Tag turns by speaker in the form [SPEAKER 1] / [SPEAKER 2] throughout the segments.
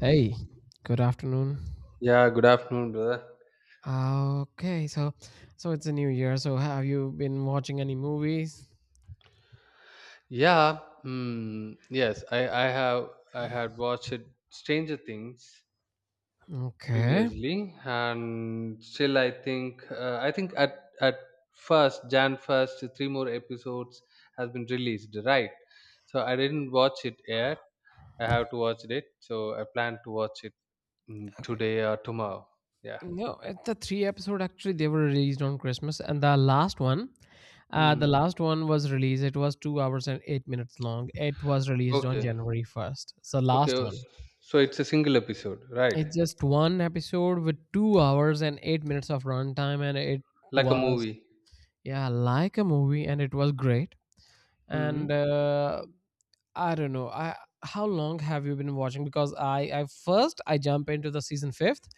[SPEAKER 1] Hey, good afternoon.
[SPEAKER 2] Yeah, good afternoon, brother.
[SPEAKER 1] Okay, so it's a new year. So have you been watching any movies?
[SPEAKER 2] Yes, I had watched Stranger Things
[SPEAKER 1] Okay.
[SPEAKER 2] previously, and still I think at first Jan first three more episodes has been released, right? So I didn't watch it yet. I have to watch it, so I plan to watch it
[SPEAKER 1] Okay.
[SPEAKER 2] today or tomorrow. Yeah.
[SPEAKER 1] No, it's the three episode actually they were released on Christmas and the last one uh the
[SPEAKER 2] Mm.
[SPEAKER 1] last one was released it was 2 hours and 8 minutes long. It was released on
[SPEAKER 2] Okay.
[SPEAKER 1] January 1st. So last
[SPEAKER 2] Okay.
[SPEAKER 1] one.
[SPEAKER 2] So it's a single episode, right?
[SPEAKER 1] It's just one episode with 2 hours and 8 minutes of runtime and it
[SPEAKER 2] Like a
[SPEAKER 1] was
[SPEAKER 2] movie.
[SPEAKER 1] yeah, like a movie and it was great and
[SPEAKER 2] Hmm.
[SPEAKER 1] uh, I don't know. I how long have you been watching? Because I first I jump into the season fifth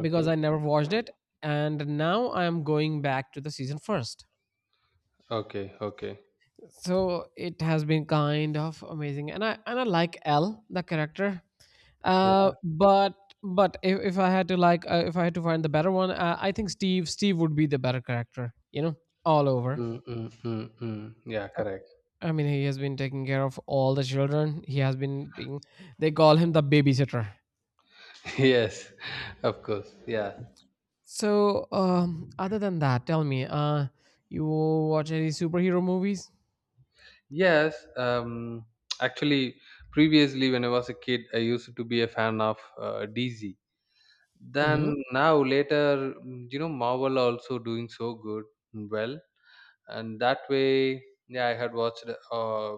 [SPEAKER 1] because I never watched it, and now I am going back to the season first.
[SPEAKER 2] Okay, okay.
[SPEAKER 1] So it has been kind of amazing, and I like L the character.
[SPEAKER 2] Yeah.
[SPEAKER 1] Uh, but but if I had to like if I had to find the better one, I think Steve would be the better character. You know, all over.
[SPEAKER 2] Mm. Yeah, correct.
[SPEAKER 1] I mean, he has been taking care of all the children. He has been being. They call him the babysitter.
[SPEAKER 2] Yes, of course. Yeah.
[SPEAKER 1] So, other than that, tell me, you watch any superhero movies?
[SPEAKER 2] Yes. Actually, previously, when I was a kid, I used to be a fan of DZ.
[SPEAKER 1] hmm
[SPEAKER 2] Then now later, you know, Marvel also doing so good, mm, well, and that way, yeah, I had watched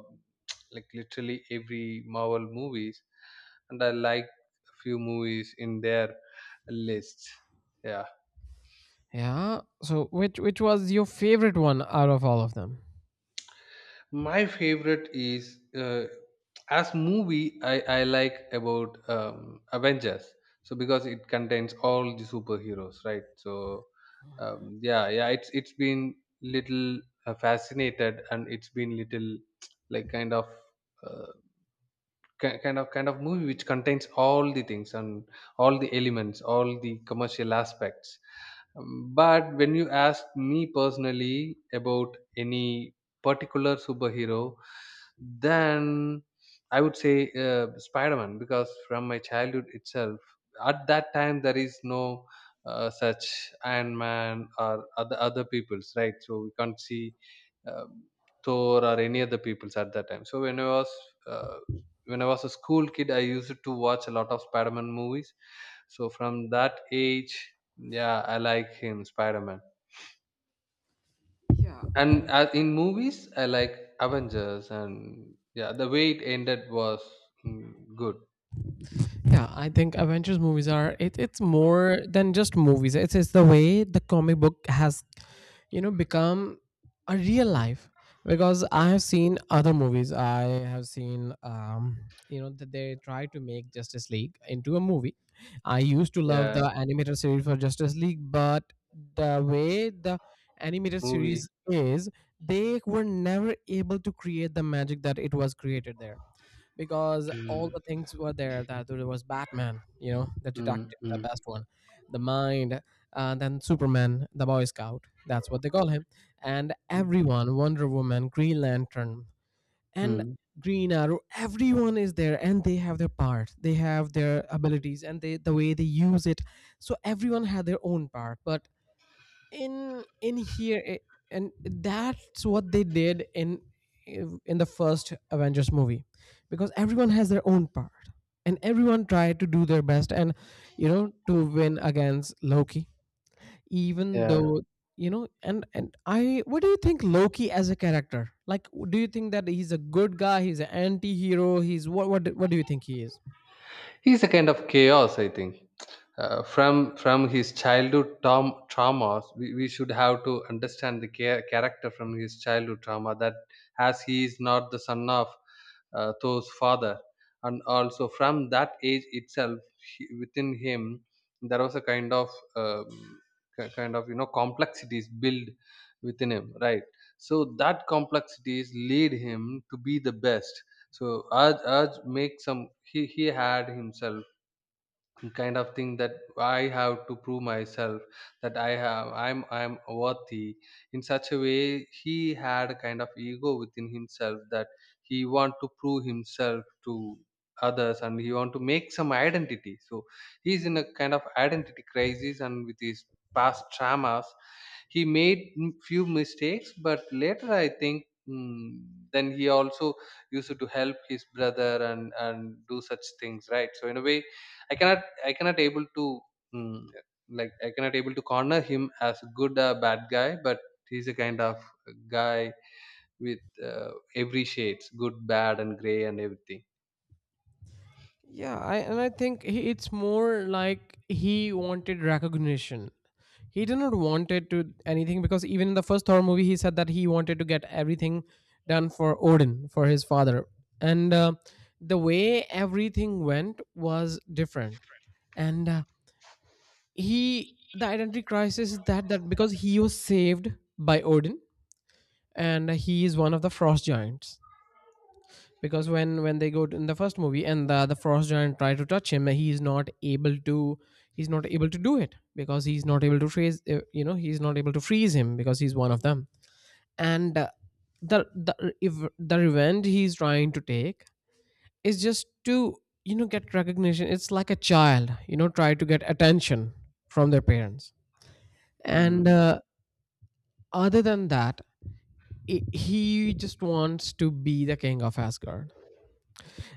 [SPEAKER 2] like literally every Marvel movies, and I like a few movies in their list. Yeah.
[SPEAKER 1] Yeah. So, which was your favorite one out of all of them?
[SPEAKER 2] My favorite is as movie I like about Avengers. So because it contains all the superheroes, right? So yeah, it's been little fascinated and it's been little like kind of uh, kind of movie which contains all the things and all the elements all the commercial aspects. Um, but when you ask me personally about any particular superhero, then I would say Spider-Man, because from my childhood itself at that time there is no such Iron Man or other peoples, right? So we can't see um, Thor or any other peoples at that time. So uh, when I was a school kid, I used to watch a lot of Spider-Man movies. So from that age, yeah, I like him, Spider-Man.
[SPEAKER 1] Yeah.
[SPEAKER 2] And in movies, I like Avengers, and yeah, the way it ended was good.
[SPEAKER 1] Yeah, I think Avengers movies are it's more than just movies. It's the way the comic book has, you know, become a real life. Because I have seen other movies. I have seen you know, that they try to make Justice League into a movie. I used to love
[SPEAKER 2] Yeah,
[SPEAKER 1] the animated series for Justice League, but the way the animated
[SPEAKER 2] movie.
[SPEAKER 1] series is, they were never able to create the magic that it was created there, because all the
[SPEAKER 2] Mm,
[SPEAKER 1] things were there. That there was Batman, you know, the
[SPEAKER 2] mm,
[SPEAKER 1] detective, the best
[SPEAKER 2] mm,
[SPEAKER 1] one, the mind, then Superman, the boy scout, that's what they call him, and
[SPEAKER 2] mm,
[SPEAKER 1] everyone, Wonder Woman, Green Lantern, and
[SPEAKER 2] mm.
[SPEAKER 1] Green Arrow, everyone is there and they have their part, they have their abilities and they, the way they use it. So everyone had their own part, but in in here eh, and that's what they did in in the first Avengers movie, because everyone has their own part and everyone tried to do their best, and you know, to win against Loki, even
[SPEAKER 2] Yeah.
[SPEAKER 1] though, you know. And I what do you think Loki as a character, like do you think that he's a good guy, he's an anti-hero, he's what, what do you think he is?
[SPEAKER 2] He's a kind of chaos, I think. From his childhood, traumas, we should have to understand the character from his childhood trauma, that as he is not the son of Thor's father. And also from that age itself, he, within him, there was a kind of um, kind of, you know, complexities built within him, right? So that complexities lead him to be the best. So Aj Aj make some he had himself kind of thing that I have to prove myself, that I'm worthy. In such a way, he had a kind of ego within himself, that he want to prove himself to others and he want to make some identity. So he's in a kind of identity crisis, and with his past traumas he made few mistakes. But later, I think, mm, then he also used to help his brother and do such things, right? So in a way, I cannot able to, mm, like, I cannot able to corner him as good or bad guy, but he's a kind of guy with uh, every shades, good, bad, and gray, and everything.
[SPEAKER 1] Yeah, I think he, it's more like he wanted recognition. He did not want it to anything, because even in the first Thor movie, he said that he wanted to get everything done for Odin, for his father, and the way everything went was different. And He the identity crisis is that that because he was saved by Odin and he is one of the frost giants. Because when they go to, in the first movie, and the frost giant try to touch him, he is not able to, he's not able to do it because he's not able to freeze, you know, he's not able to freeze him because he's one of them. And uh, the the if the revenge he's trying to take is just to, you know, get recognition. It's like a child, you know, try to get attention from their parents, and
[SPEAKER 2] Hmm.
[SPEAKER 1] uh, other than that, I he just wants to be the king of Asgard,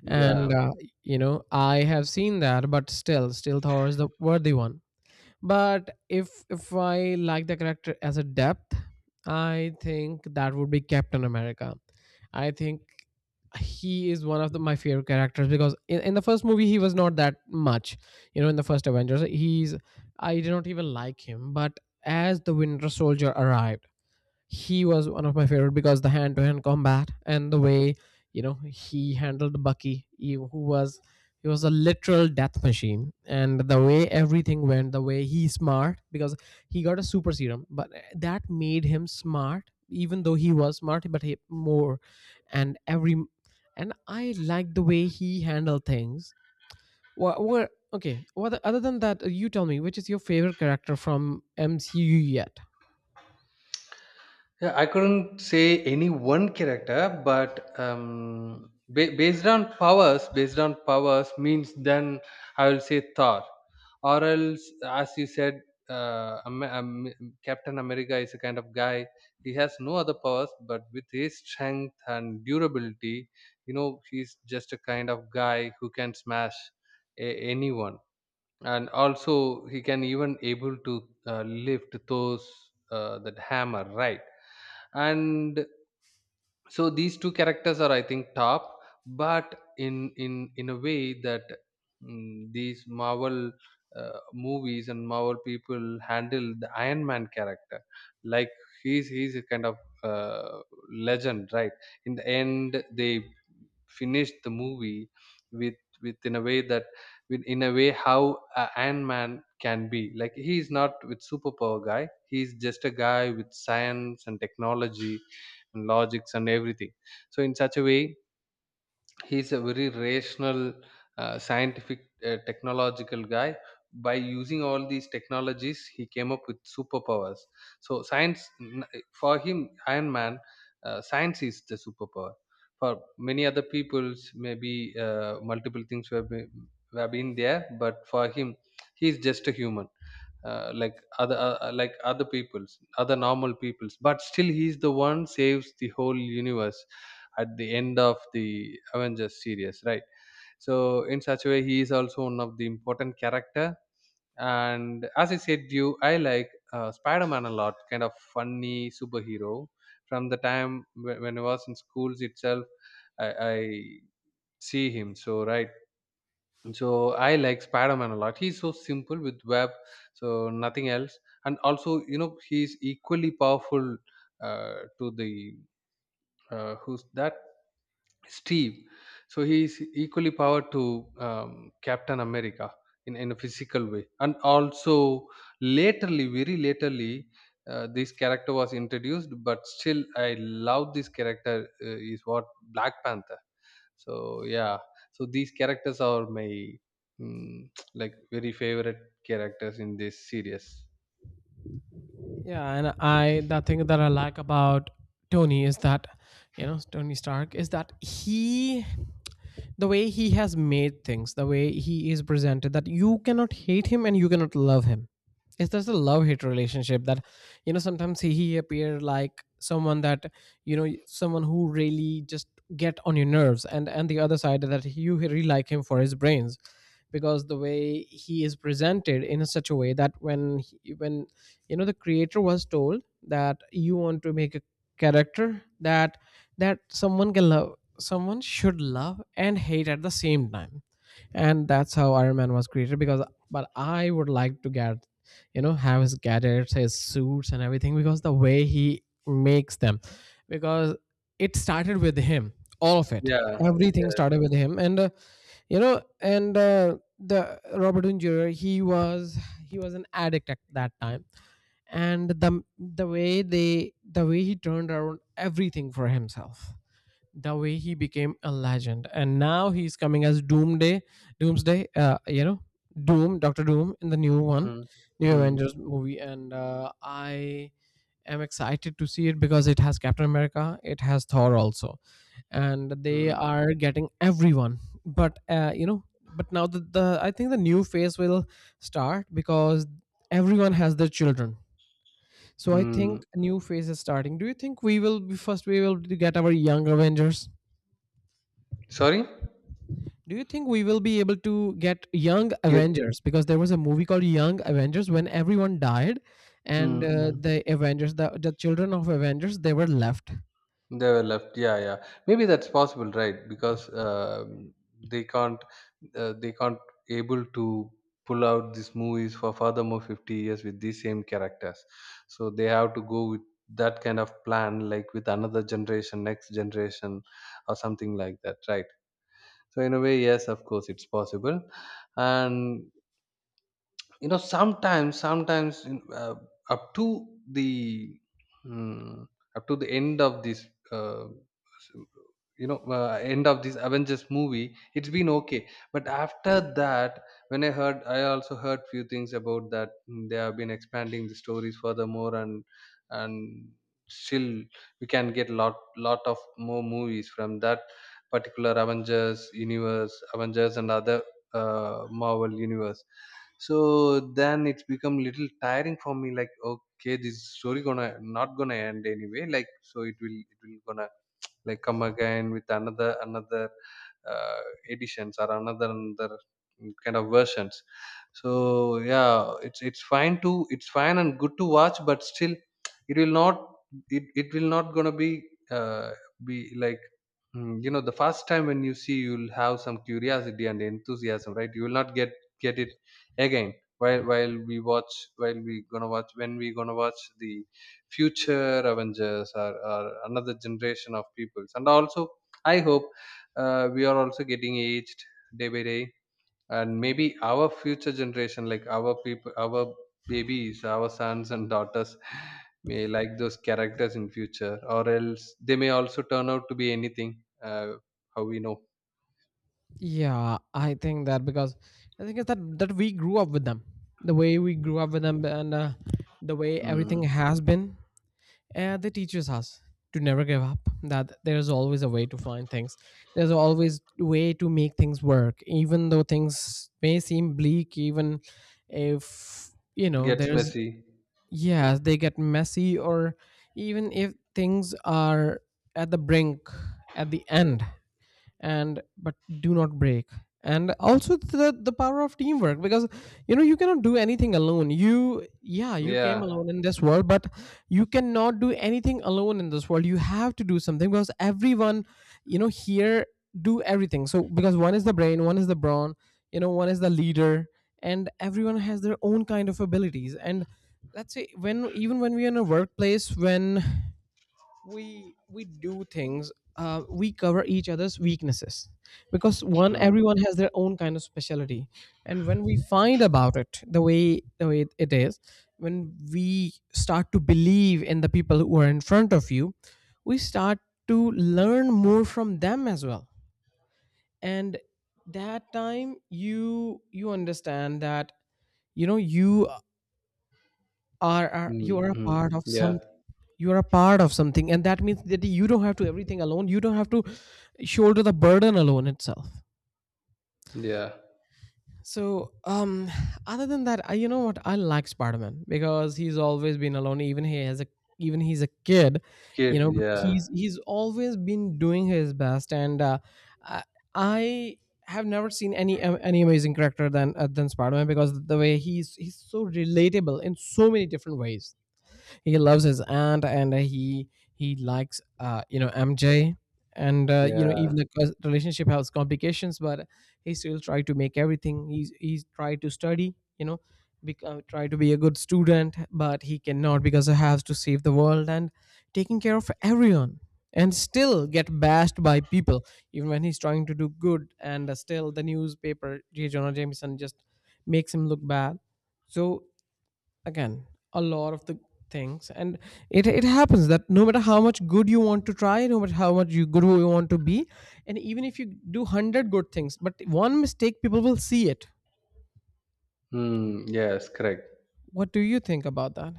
[SPEAKER 2] Yeah.
[SPEAKER 1] and you know, I have seen that, but still Thor is the worthy one. But if I like the character as a depth, I think that would be Captain America. I think he is one of my favorite characters because in the first movie he was not that much, you know. In the first Avengers he's, I did not even like him, but as the Winter Soldier arrived he was one of my favorite, because the hand to hand combat, and the way, you know, he handled Bucky, who was, he was a literal death machine. And the way everything went, the way he smart, because he got a super serum, but that made him smart, even though he was smart, but he more. And every, and I like the way he handled things. What okay, what other than that, you tell me which is your favorite character from MCU yet?
[SPEAKER 2] Yeah, I couldn't say any one character, but based on powers means, then I will say Thor, or else, as you said, Captain America is a kind of guy. He has no other powers, but with his strength and durability, you know, he's just a kind of guy who can smash anyone, and also he can even able to lift those that hammer, right? And so these two characters are, I think, top. But in in a way that, these Marvel movies and Marvel people handle the Iron Man character like he's a kind of uh, legend, right? In the end, they finished the movie with with in a way that, with in a way how Ant Man can be, like, he is not with superpower guy, he's just a guy with science and technology and logics and everything. So in such a way, he's a very rational, scientific, technological guy. By using all these technologies, he came up with superpowers. So for him, Iron Man, science is the superpower. For many other peoples, maybe multiple things have have been there, but for him he's just a human, like other peoples, other normal peoples, but still he's the one saves the whole universe at the end of the Avengers series, right? So in such a way, he is also one of the important character. And as I said to you, I like Spider-Man a lot, kind of funny superhero. From the time when I was in schools itself, i, I see him so, right? So I like Spider-Man a lot. He's so simple with web, so nothing else. And also, you know, he's equally powerful to the who's that Steve. So he's equally powered to Captain America in a physical way. And also, laterly, very laterly, this character was introduced, but still I love this character. Uh, is what Black Panther. So yeah, so these characters are my, like, very favorite characters in this series.
[SPEAKER 1] Yeah, and I the thing that I like about Tony is that, you know, Tony Stark is that he, the way he has made things, the way he is presented, that you cannot hate him and you cannot love him. It's just a love hate relationship that, you know, sometimes he appear like someone that, you know, someone who really just get on your nerves, and the other side that you really like him for his brains, because the way he is presented in such a way that when, you know, the creator was told that you want to make a character that that someone can love, someone should love and hate at the same time, and that's how Iron Man was created. Because but I would like to get, you know, have his gadgets, his suits and everything, because the way he makes them. Because it started with him, all of it,
[SPEAKER 2] Yeah,
[SPEAKER 1] everything
[SPEAKER 2] yeah.
[SPEAKER 1] started with him, and you know, and the Robert Downey Jr. He was an addict at that time, and the way they, the way he turned around everything for himself, the way he became a legend, and now he's coming as doomsday, doomsday, you know, Doom in the new one,
[SPEAKER 2] Mm,
[SPEAKER 1] new
[SPEAKER 2] mm,
[SPEAKER 1] Avengers movie, and I am excited to see it because it has Captain America, it has Thor also, and they
[SPEAKER 2] mm,
[SPEAKER 1] are getting everyone. But you know, but now the, I think the new phase will start, because everyone has their children. So I
[SPEAKER 2] mm.
[SPEAKER 1] think a new phase is starting. Do you think we will be first, get our young Avengers?
[SPEAKER 2] Sorry?
[SPEAKER 1] Do you think we will be able to get young
[SPEAKER 2] Get.
[SPEAKER 1] Avengers? Because there was a movie called Young Avengers when everyone died, and
[SPEAKER 2] Mm, mm.
[SPEAKER 1] the Avengers, the children of Avengers, they were left.
[SPEAKER 2] They were left. Yeah, yeah. Maybe that's possible, right? Because they can't, they can't able to pull out these movies for furthermore 50 years with these same characters. So they have to go with that kind of plan, like with another generation, next generation, or something like that, right? So in a way, yes, of course, it's possible. And you know, sometimes up to the mm up to the end of this uh, s- you know, end of this Avengers movie, it's been okay. But after that, when I heard, I also heard few things about that, they have been expanding the stories furthermore, and and still we can get lot of more movies from that particular Avengers universe, Avengers and other uh, Marvel universe. So then it's become little tiring for me, like, okay, this story gonna, not gonna end anyway, like, so it will, it will gonna like come again with another uh, editions, or another kind of versions. So yeah, it's fine and good to watch, but still it will not, it will not gonna uh, be like, you know, the first time when you see, you'll have some curiosity and enthusiasm, right? You will not get it again while, we gonna watch, when we gonna watch the future Avengers, or another generation of peoples. And also, I hope we are also getting aged day by day, and maybe our future generation, like our people, our babies, our sons and daughters, may like those characters in future, or else they may also turn out to be anything. uh, how we know?
[SPEAKER 1] Yeah, I think that, because I think it's that that we grew up with them, the way we grew up with them, and the way everything
[SPEAKER 2] Mm.
[SPEAKER 1] has been, they teaches us to never give up. That there's always a way to find things. There's always way to make things work, even though things may seem bleak. Even if, you know,
[SPEAKER 2] Gets
[SPEAKER 1] there's,
[SPEAKER 2] messy.
[SPEAKER 1] yeah, they get messy, or even if things are at the brink, at the end, and but do not break. And also the power of teamwork, because you know, you cannot do anything alone. You, yeah, you came
[SPEAKER 2] Yeah.
[SPEAKER 1] alone in this world, but you cannot do anything alone in this world, you have to do something, because everyone, you know, here do everything. So because one is the brain, one is the brawn, you know, one is the leader, and everyone has their own kind of abilities. And let's say when, even when we're in a workplace, when we do things, we cover each other's weaknesses, because one,
[SPEAKER 2] Mm.
[SPEAKER 1] everyone has their own kind of specialty. And when we find about it, the way it is, when we start to believe in the people who are in front of you, we start to learn more from them as well. And that time you, you understand that, you know, you are, you
[SPEAKER 2] Mm.
[SPEAKER 1] are a
[SPEAKER 2] Mm.
[SPEAKER 1] part of
[SPEAKER 2] Yeah.
[SPEAKER 1] something. You are a part of something, and that means that you don't have to everything alone, you don't have to shoulder the burden alone itself.
[SPEAKER 2] Yeah,
[SPEAKER 1] So other than that, you know what, I like Spider-Man, because he's always been alone, even he has a, even he's a kid, you
[SPEAKER 2] kid.
[SPEAKER 1] know. But
[SPEAKER 2] Yeah,
[SPEAKER 1] he's always been doing his best, and i I have never seen any amazing character than Spider-Man, because the way he's so relatable in so many different ways. He loves his aunt, and he likes you know MJ, and you know,
[SPEAKER 2] yeah.
[SPEAKER 1] even the relationship has complications. But he still try to make everything, he's try to study, you know, become try to be a good student, but he cannot, because he has to save the world and taking care of everyone, and still get bashed by people even when he's trying to do good. And still the newspaper J. Jonah Jameson just makes him look bad. So, again, a lot of the things, and it happens that no matter how much good you want to try, no matter how much you good you want to be, and even if you do 100 good things, but one mistake people will see it.
[SPEAKER 2] Hmm. Yes, correct.
[SPEAKER 1] What do you think about that?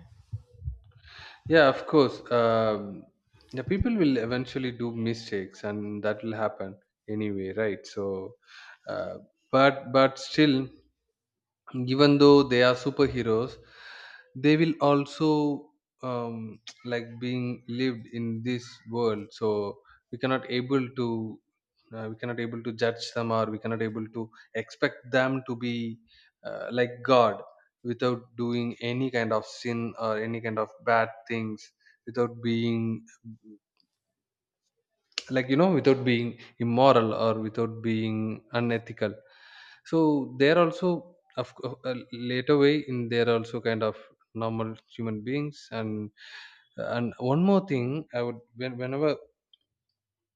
[SPEAKER 2] Yeah, of course. The people will eventually do mistakes, and that will happen anyway, right? Uh, but still, even though they are superheroes, they will also, like, being lived in this world. So we cannot able to, judge them, or we cannot able to expect them to be, like, god, without doing any kind of sin or any kind of bad things, without being, like, you know, without being immoral or without being unethical. So they're also, later way in, they're also kind of normal human beings. And one more thing I would, whenever,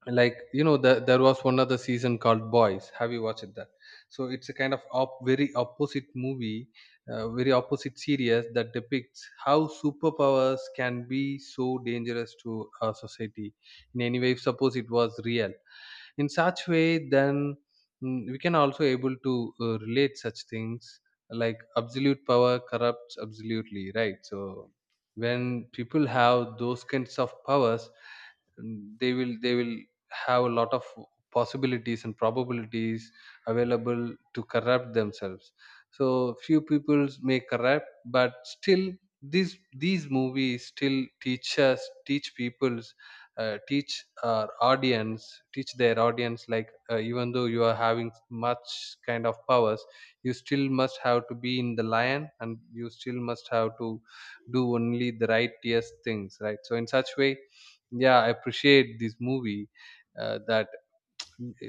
[SPEAKER 2] like, you know, the, there was one other season called Boys. Have you watched that? So it's a kind of very opposite movie, very opposite series that depicts how superpowers can be so dangerous to our society. In any way, if suppose it was real in such way then we can also able to relate such things like absolute power corrupts absolutely, right? So when people have those kinds of powers, they will have a lot of possibilities and probabilities available to corrupt themselves. So few peoples may corrupt, but still these these movies still teach us, teach people, teach our audience, teach their audience like, even though you are having much kind of powers, you still must have to be in the lion and you still must have to do only the righteous things, right? So in such way, yeah, I appreciate this movie, that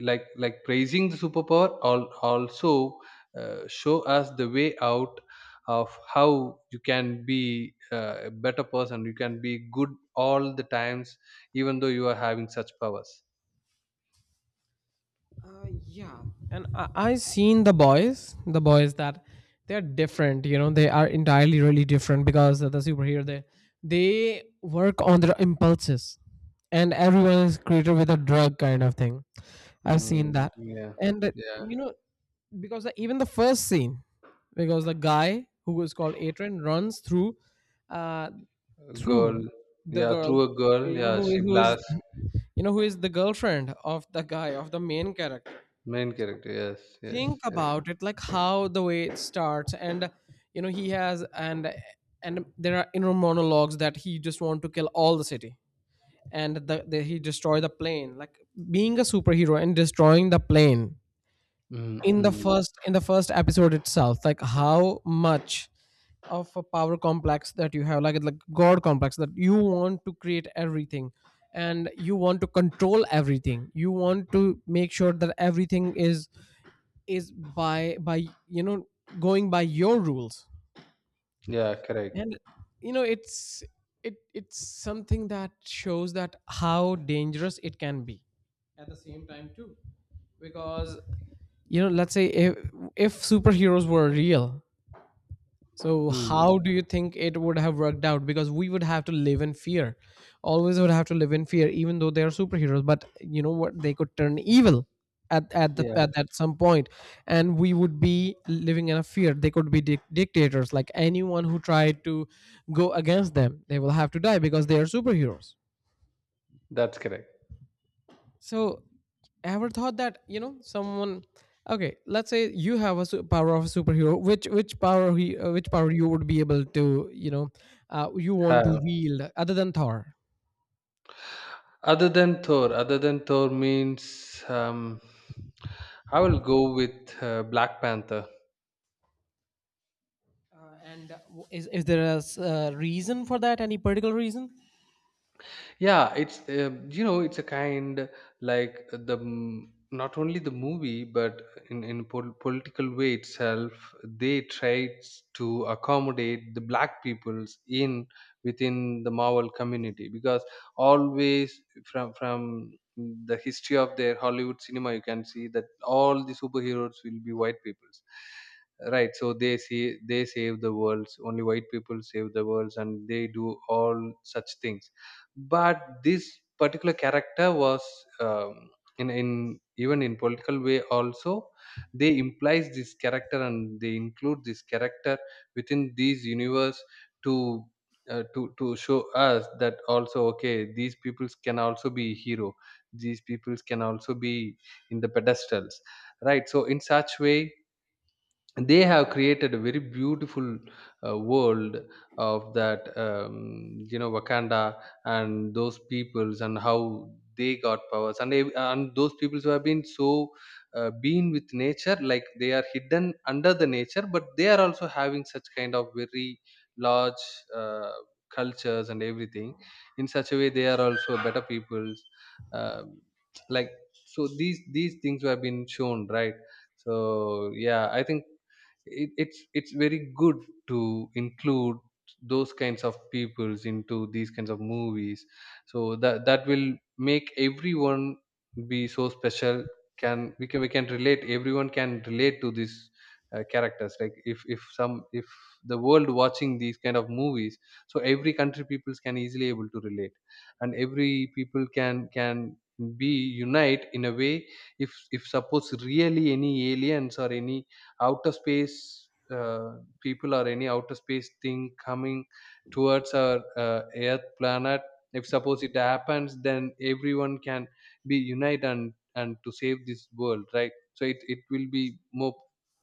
[SPEAKER 2] like praising the also show us the way out of how you can be a better person, you can be good all the times even though you are having such powers.
[SPEAKER 1] Yeah, and I seen the boys that they're different. You know, they are entirely really different because of the superhero they work on their impulses, and everyone is created with a drug kind of thing. I've seen
[SPEAKER 2] Mm.
[SPEAKER 1] that,
[SPEAKER 2] Yeah,
[SPEAKER 1] and
[SPEAKER 2] yeah.
[SPEAKER 1] you know, because even the first scene, because the guy who is called Atrin runs through, uh,
[SPEAKER 2] A girl.
[SPEAKER 1] through the
[SPEAKER 2] Yeah,
[SPEAKER 1] girl,
[SPEAKER 2] through a girl,
[SPEAKER 1] you know
[SPEAKER 2] yeah,
[SPEAKER 1] who
[SPEAKER 2] she
[SPEAKER 1] is who is
[SPEAKER 2] blasts.
[SPEAKER 1] you know who is the girlfriend of the guy of the main character.
[SPEAKER 2] Main character, yes. Yes,
[SPEAKER 1] Think
[SPEAKER 2] yes.
[SPEAKER 1] about it, like how the way it starts. And you know, he has, and there are inner monologues that he just want to kill all the city, and the he destroy the plane, like being a superhero and destroying the plane.
[SPEAKER 2] Mm,
[SPEAKER 1] in the
[SPEAKER 2] mm.
[SPEAKER 1] first in the first episode itself, like how much of a power complex that you have, like god complex, that you want to create everything, and you want to control everything, you want to make sure that everything is by you know, going by your rules.
[SPEAKER 2] Yeah, correct.
[SPEAKER 1] And you know, it's something that shows that how dangerous it can be, at the same time too, because you know, let's say if superheroes were real, so
[SPEAKER 2] Mm,
[SPEAKER 1] how do you think it would have worked out? Because we would have to live in fear. Always would have to live in fear, even though they are superheroes. But you know what? They could turn evil at at the
[SPEAKER 2] yeah.
[SPEAKER 1] at, at some point, and we would be living in a fear. They could be dictators. Like anyone who tried to go against them, they will have to die because they are superheroes.
[SPEAKER 2] That's correct.
[SPEAKER 1] So, ever thought that, you know, someone? Okay, let's say you have a power of a superhero. Which power you would be able to, you know, you want to
[SPEAKER 2] Have.
[SPEAKER 1] wield other than Thor?
[SPEAKER 2] Other than Thor means, I will go with Black Panther.
[SPEAKER 1] And is there a reason for that? Any particular reason?
[SPEAKER 2] Yeah, it's, you know, it's a kind like not only the movie, but political way itself they tried to accommodate the black peoples in, within the Marvel community, because always from the history of their Hollywood cinema you can see that all the superheroes will be white peoples. Right, so they see they save the worlds, only white people save the worlds and they do all such things. But this particular character was, um, in even in political way also, they implies this character and they include this character within these universe to, to show us that also, okay, these peoples can also be hero, these peoples can also be in the pedestals, right? So in such way they have created a very beautiful world of that, you know, Wakanda and those peoples and how they got powers and and those peoples who have been so been with nature, like they are hidden under the nature but they are also having such kind of very large uh, cultures and everything. In such a way they are also better peoples. Um like, so these things have been shown, right? So yeah, I think it, it's very good to include those kinds of peoples into these kinds of movies, so that that will make everyone be so special. Can we, can we, can relate, everyone can relate to these characters. Like if some, if the world watching these kind of movies, so every country peoples can easily able to relate, and every people can be unite in a way. If suppose really any aliens or any outer space people or any outer space thing coming towards our uh, earth planet, if suppose it happens, then everyone can be unite and to save this world, right? So it will be more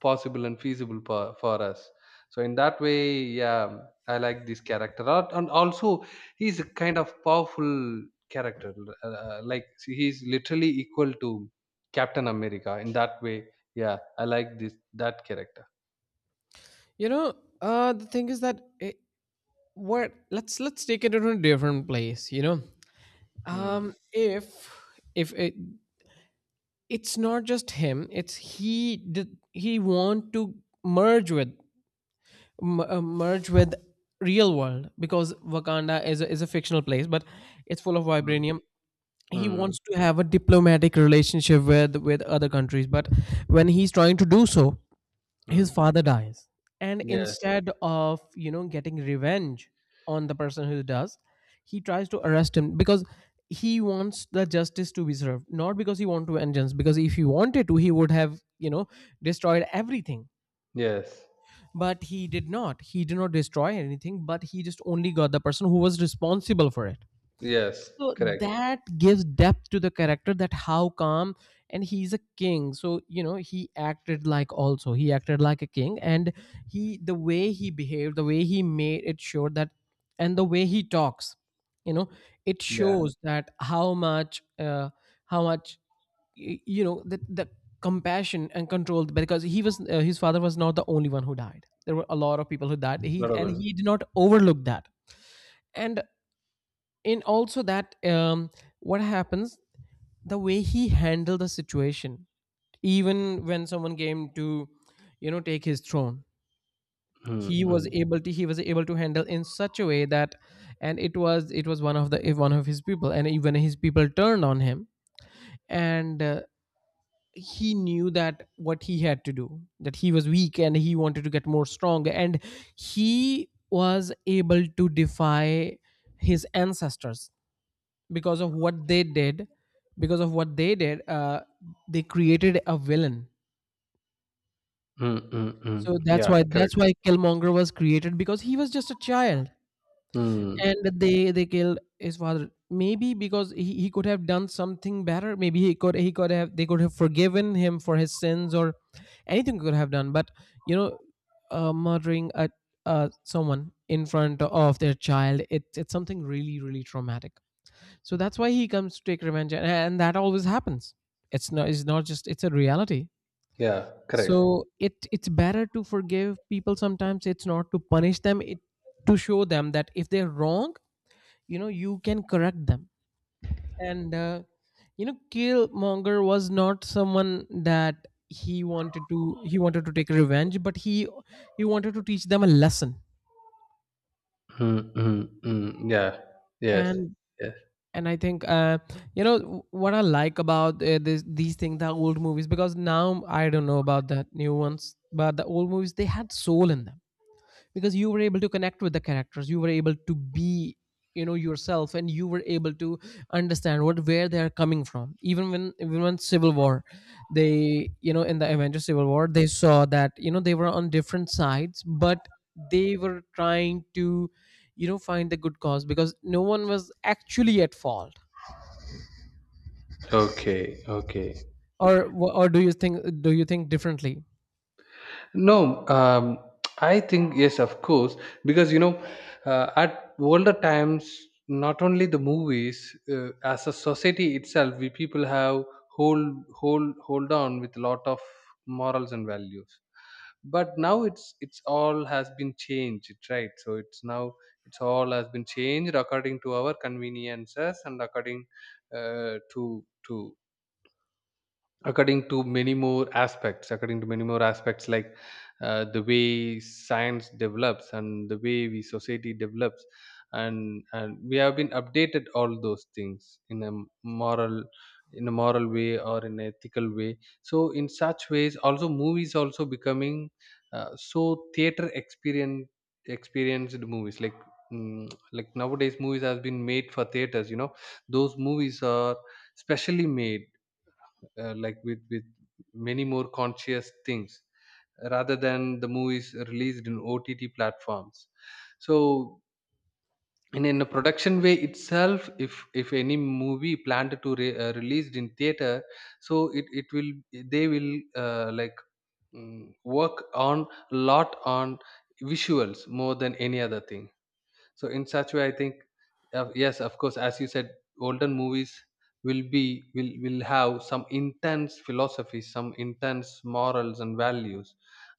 [SPEAKER 2] possible and feasible for us. So in that way, yeah, I like this character and also he's a kind of powerful character, like see, he's literally equal to Captain America in that way. Yeah, I like this that character.
[SPEAKER 1] You know, the thing is that it, what let's take it to a different place. You know,
[SPEAKER 2] Hmm.
[SPEAKER 1] um, if if it, it's not just him, it's he did he want to merge with merge with real world, because Wakanda is a fictional place, but it's full of
[SPEAKER 2] Hmm.
[SPEAKER 1] vibranium. He
[SPEAKER 2] Hmm.
[SPEAKER 1] wants to have a diplomatic relationship with other countries, but when he's trying to do so, his
[SPEAKER 2] Hmm.
[SPEAKER 1] father dies, and
[SPEAKER 2] Yes.
[SPEAKER 1] instead of, you know, getting revenge on the person who does, he tries to arrest him, because he wants the justice to be served, not because he want to vengeance. Because if he wanted to, he would have, you know, destroyed everything,
[SPEAKER 2] Yes.
[SPEAKER 1] but he did not destroy anything, but he just only got the person who was responsible for it.
[SPEAKER 2] Yes.
[SPEAKER 1] So
[SPEAKER 2] Correct.
[SPEAKER 1] that gives depth to the character, that how calm, and he's a king, so you know, he acted like, also he acted like a king, and he, the way he behaved, the way he made it sure that, and the way he talks, you know, it
[SPEAKER 2] Yeah.
[SPEAKER 1] shows that how much, how much you know, the compassion and control, because he was, his father was not the only one who died, there were a lot of people who died,
[SPEAKER 2] Lot of them.
[SPEAKER 1] he did not overlook that. And in, also that, what happens, the way he handled the situation, even when someone came to, you know, take his throne,
[SPEAKER 2] Hmm.
[SPEAKER 1] he was
[SPEAKER 2] Hmm.
[SPEAKER 1] able to he was able to handle in such a way that, and it was one of the, one of his people, and even his people turned on him. And he knew that what he had to do, that he was weak and he wanted to get more strong, and he was able to defy his ancestors, because of what they did. Because of what they did, they created a villain.
[SPEAKER 2] Hmm. Hmm. Hmm.
[SPEAKER 1] So that's
[SPEAKER 2] Yeah.
[SPEAKER 1] why that's
[SPEAKER 2] Correct.
[SPEAKER 1] why Killmonger was created, because he was just a child,
[SPEAKER 2] Hmm.
[SPEAKER 1] and they killed his father. Maybe because he could have done something better, maybe he could have, they could have forgiven him for his sins, or anything could have done, but, you know, murdering a someone in front of their child, it's something really really traumatic. So that's why he comes to take revenge, and that always happens. It's not, just, it's a reality.
[SPEAKER 2] Yeah. Correct.
[SPEAKER 1] So it's better to forgive people sometimes, it's not to punish them, it to show them that if they're wrong, you know, you can correct them. And you know, Killmonger was not someone that he wanted to take revenge, but he wanted to teach them a lesson.
[SPEAKER 2] Hmm. Hmm. Hmm. Yeah. Yes.
[SPEAKER 1] and
[SPEAKER 2] Yes.
[SPEAKER 1] and I think, you know, what I like about, these things, the old movies, because now I don't know about the new ones, but the old movies, they had soul in them, because you were able to connect with the characters, you were able to be, you know, yourself, and you were able to understand what, where they are coming from, even when Civil War, they, you know, in the Avengers Civil War, they saw that, you know, they were on different sides, but they were trying to, you know, find the good cause, because no one was actually at fault.
[SPEAKER 2] Okay. Okay.
[SPEAKER 1] Or or do you think differently?
[SPEAKER 2] No, I think yes, of course, because you know, at older times, not only the movies, as a society itself, we people have hold on with a lot of morals and values. But now it's all has been changed, right? So it's now, it's all has been changed according to our conveniences and according to according to many more aspects, according to many more aspects like, the way science develops and the way we society develops, and we have been updated all those things in a moral, in a moral way or in an ethical way. So in such ways also movies also becoming, so theater experience, experienced movies like, mm, like nowadays movies has been made for theaters, you know, those movies are specially made like with many more conscious things rather than the movies released in OTT platforms. So in a production way itself, if any movie planned to released in theater, so it will, they will, like, work on a lot on visuals more than any other thing. So in such way I think, yes, of course, as you said, older movies will be, will have some intense philosophy, some intense morals and values,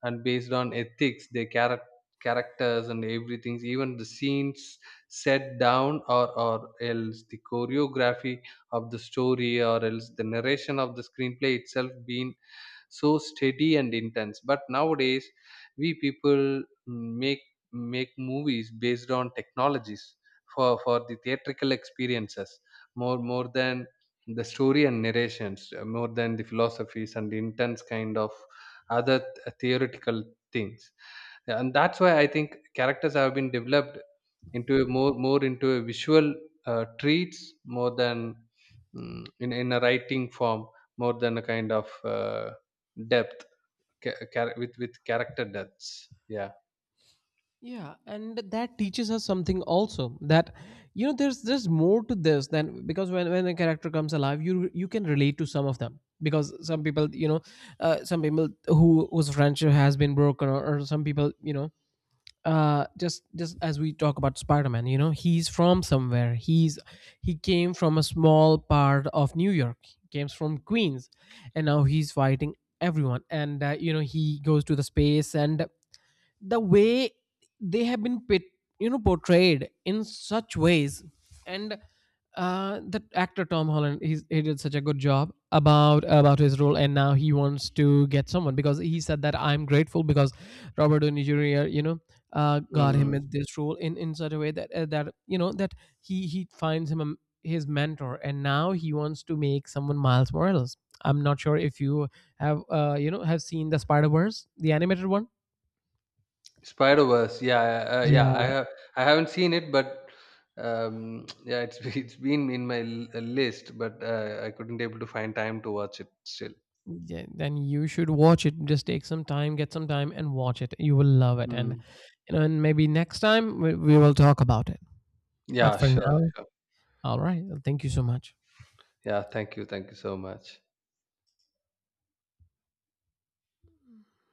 [SPEAKER 2] and based on ethics their characters and everything, even the scenes set down, or else the choreography of the story, or else the narration of the screenplay itself being so steady and intense. But nowadays we people, mm, make make movies based on technologies for the theatrical experiences, more than the story and narrations, more than the philosophies and the intense kind of theoretical things. And that's why I think characters have been developed into a more into a visual treats more than, in a writing form, more than a kind of depth, with character depths, yeah.
[SPEAKER 1] Yeah, and that teaches us something also, that you know, there's more to this than, because when a character comes alive, you can relate to some of them, because some people, you know, some people whose friendship has been broken, or some people, you know, just as we talk about spider-man, you know, he's from somewhere, he came from a small part of New York, he came from Queens, and now he's fighting everyone. And you know, he goes to the space, and the way they have been you know, portrayed in such ways. And the actor Tom Holland, he did such a good job about his role, and now he wants to get someone, because he said that I'm grateful, because Robert Downey Jr., you know, got him
[SPEAKER 2] Mm.
[SPEAKER 1] in this role in such a way, that, that, you know, that he finds him his mentor, and now he wants to make someone Miles Morales. I'm not sure if you have, you know, have seen the Spider Verse, the animated one.
[SPEAKER 2] Spider Verse. Yeah, yeah, I
[SPEAKER 1] Yeah,
[SPEAKER 2] have. I haven't seen it, but yeah, it's it's been in my list, but I couldn't able to find time to watch it still.
[SPEAKER 1] yeah, then you should watch it. Just take some time, get some time, and watch it. You will love it. And
[SPEAKER 2] Mm.
[SPEAKER 1] you know, and maybe next time we will talk about it. But
[SPEAKER 2] Yeah,
[SPEAKER 1] for
[SPEAKER 2] sure,
[SPEAKER 1] now,
[SPEAKER 2] sure.
[SPEAKER 1] all right. Thank you so much.
[SPEAKER 2] Yeah, thank you so much.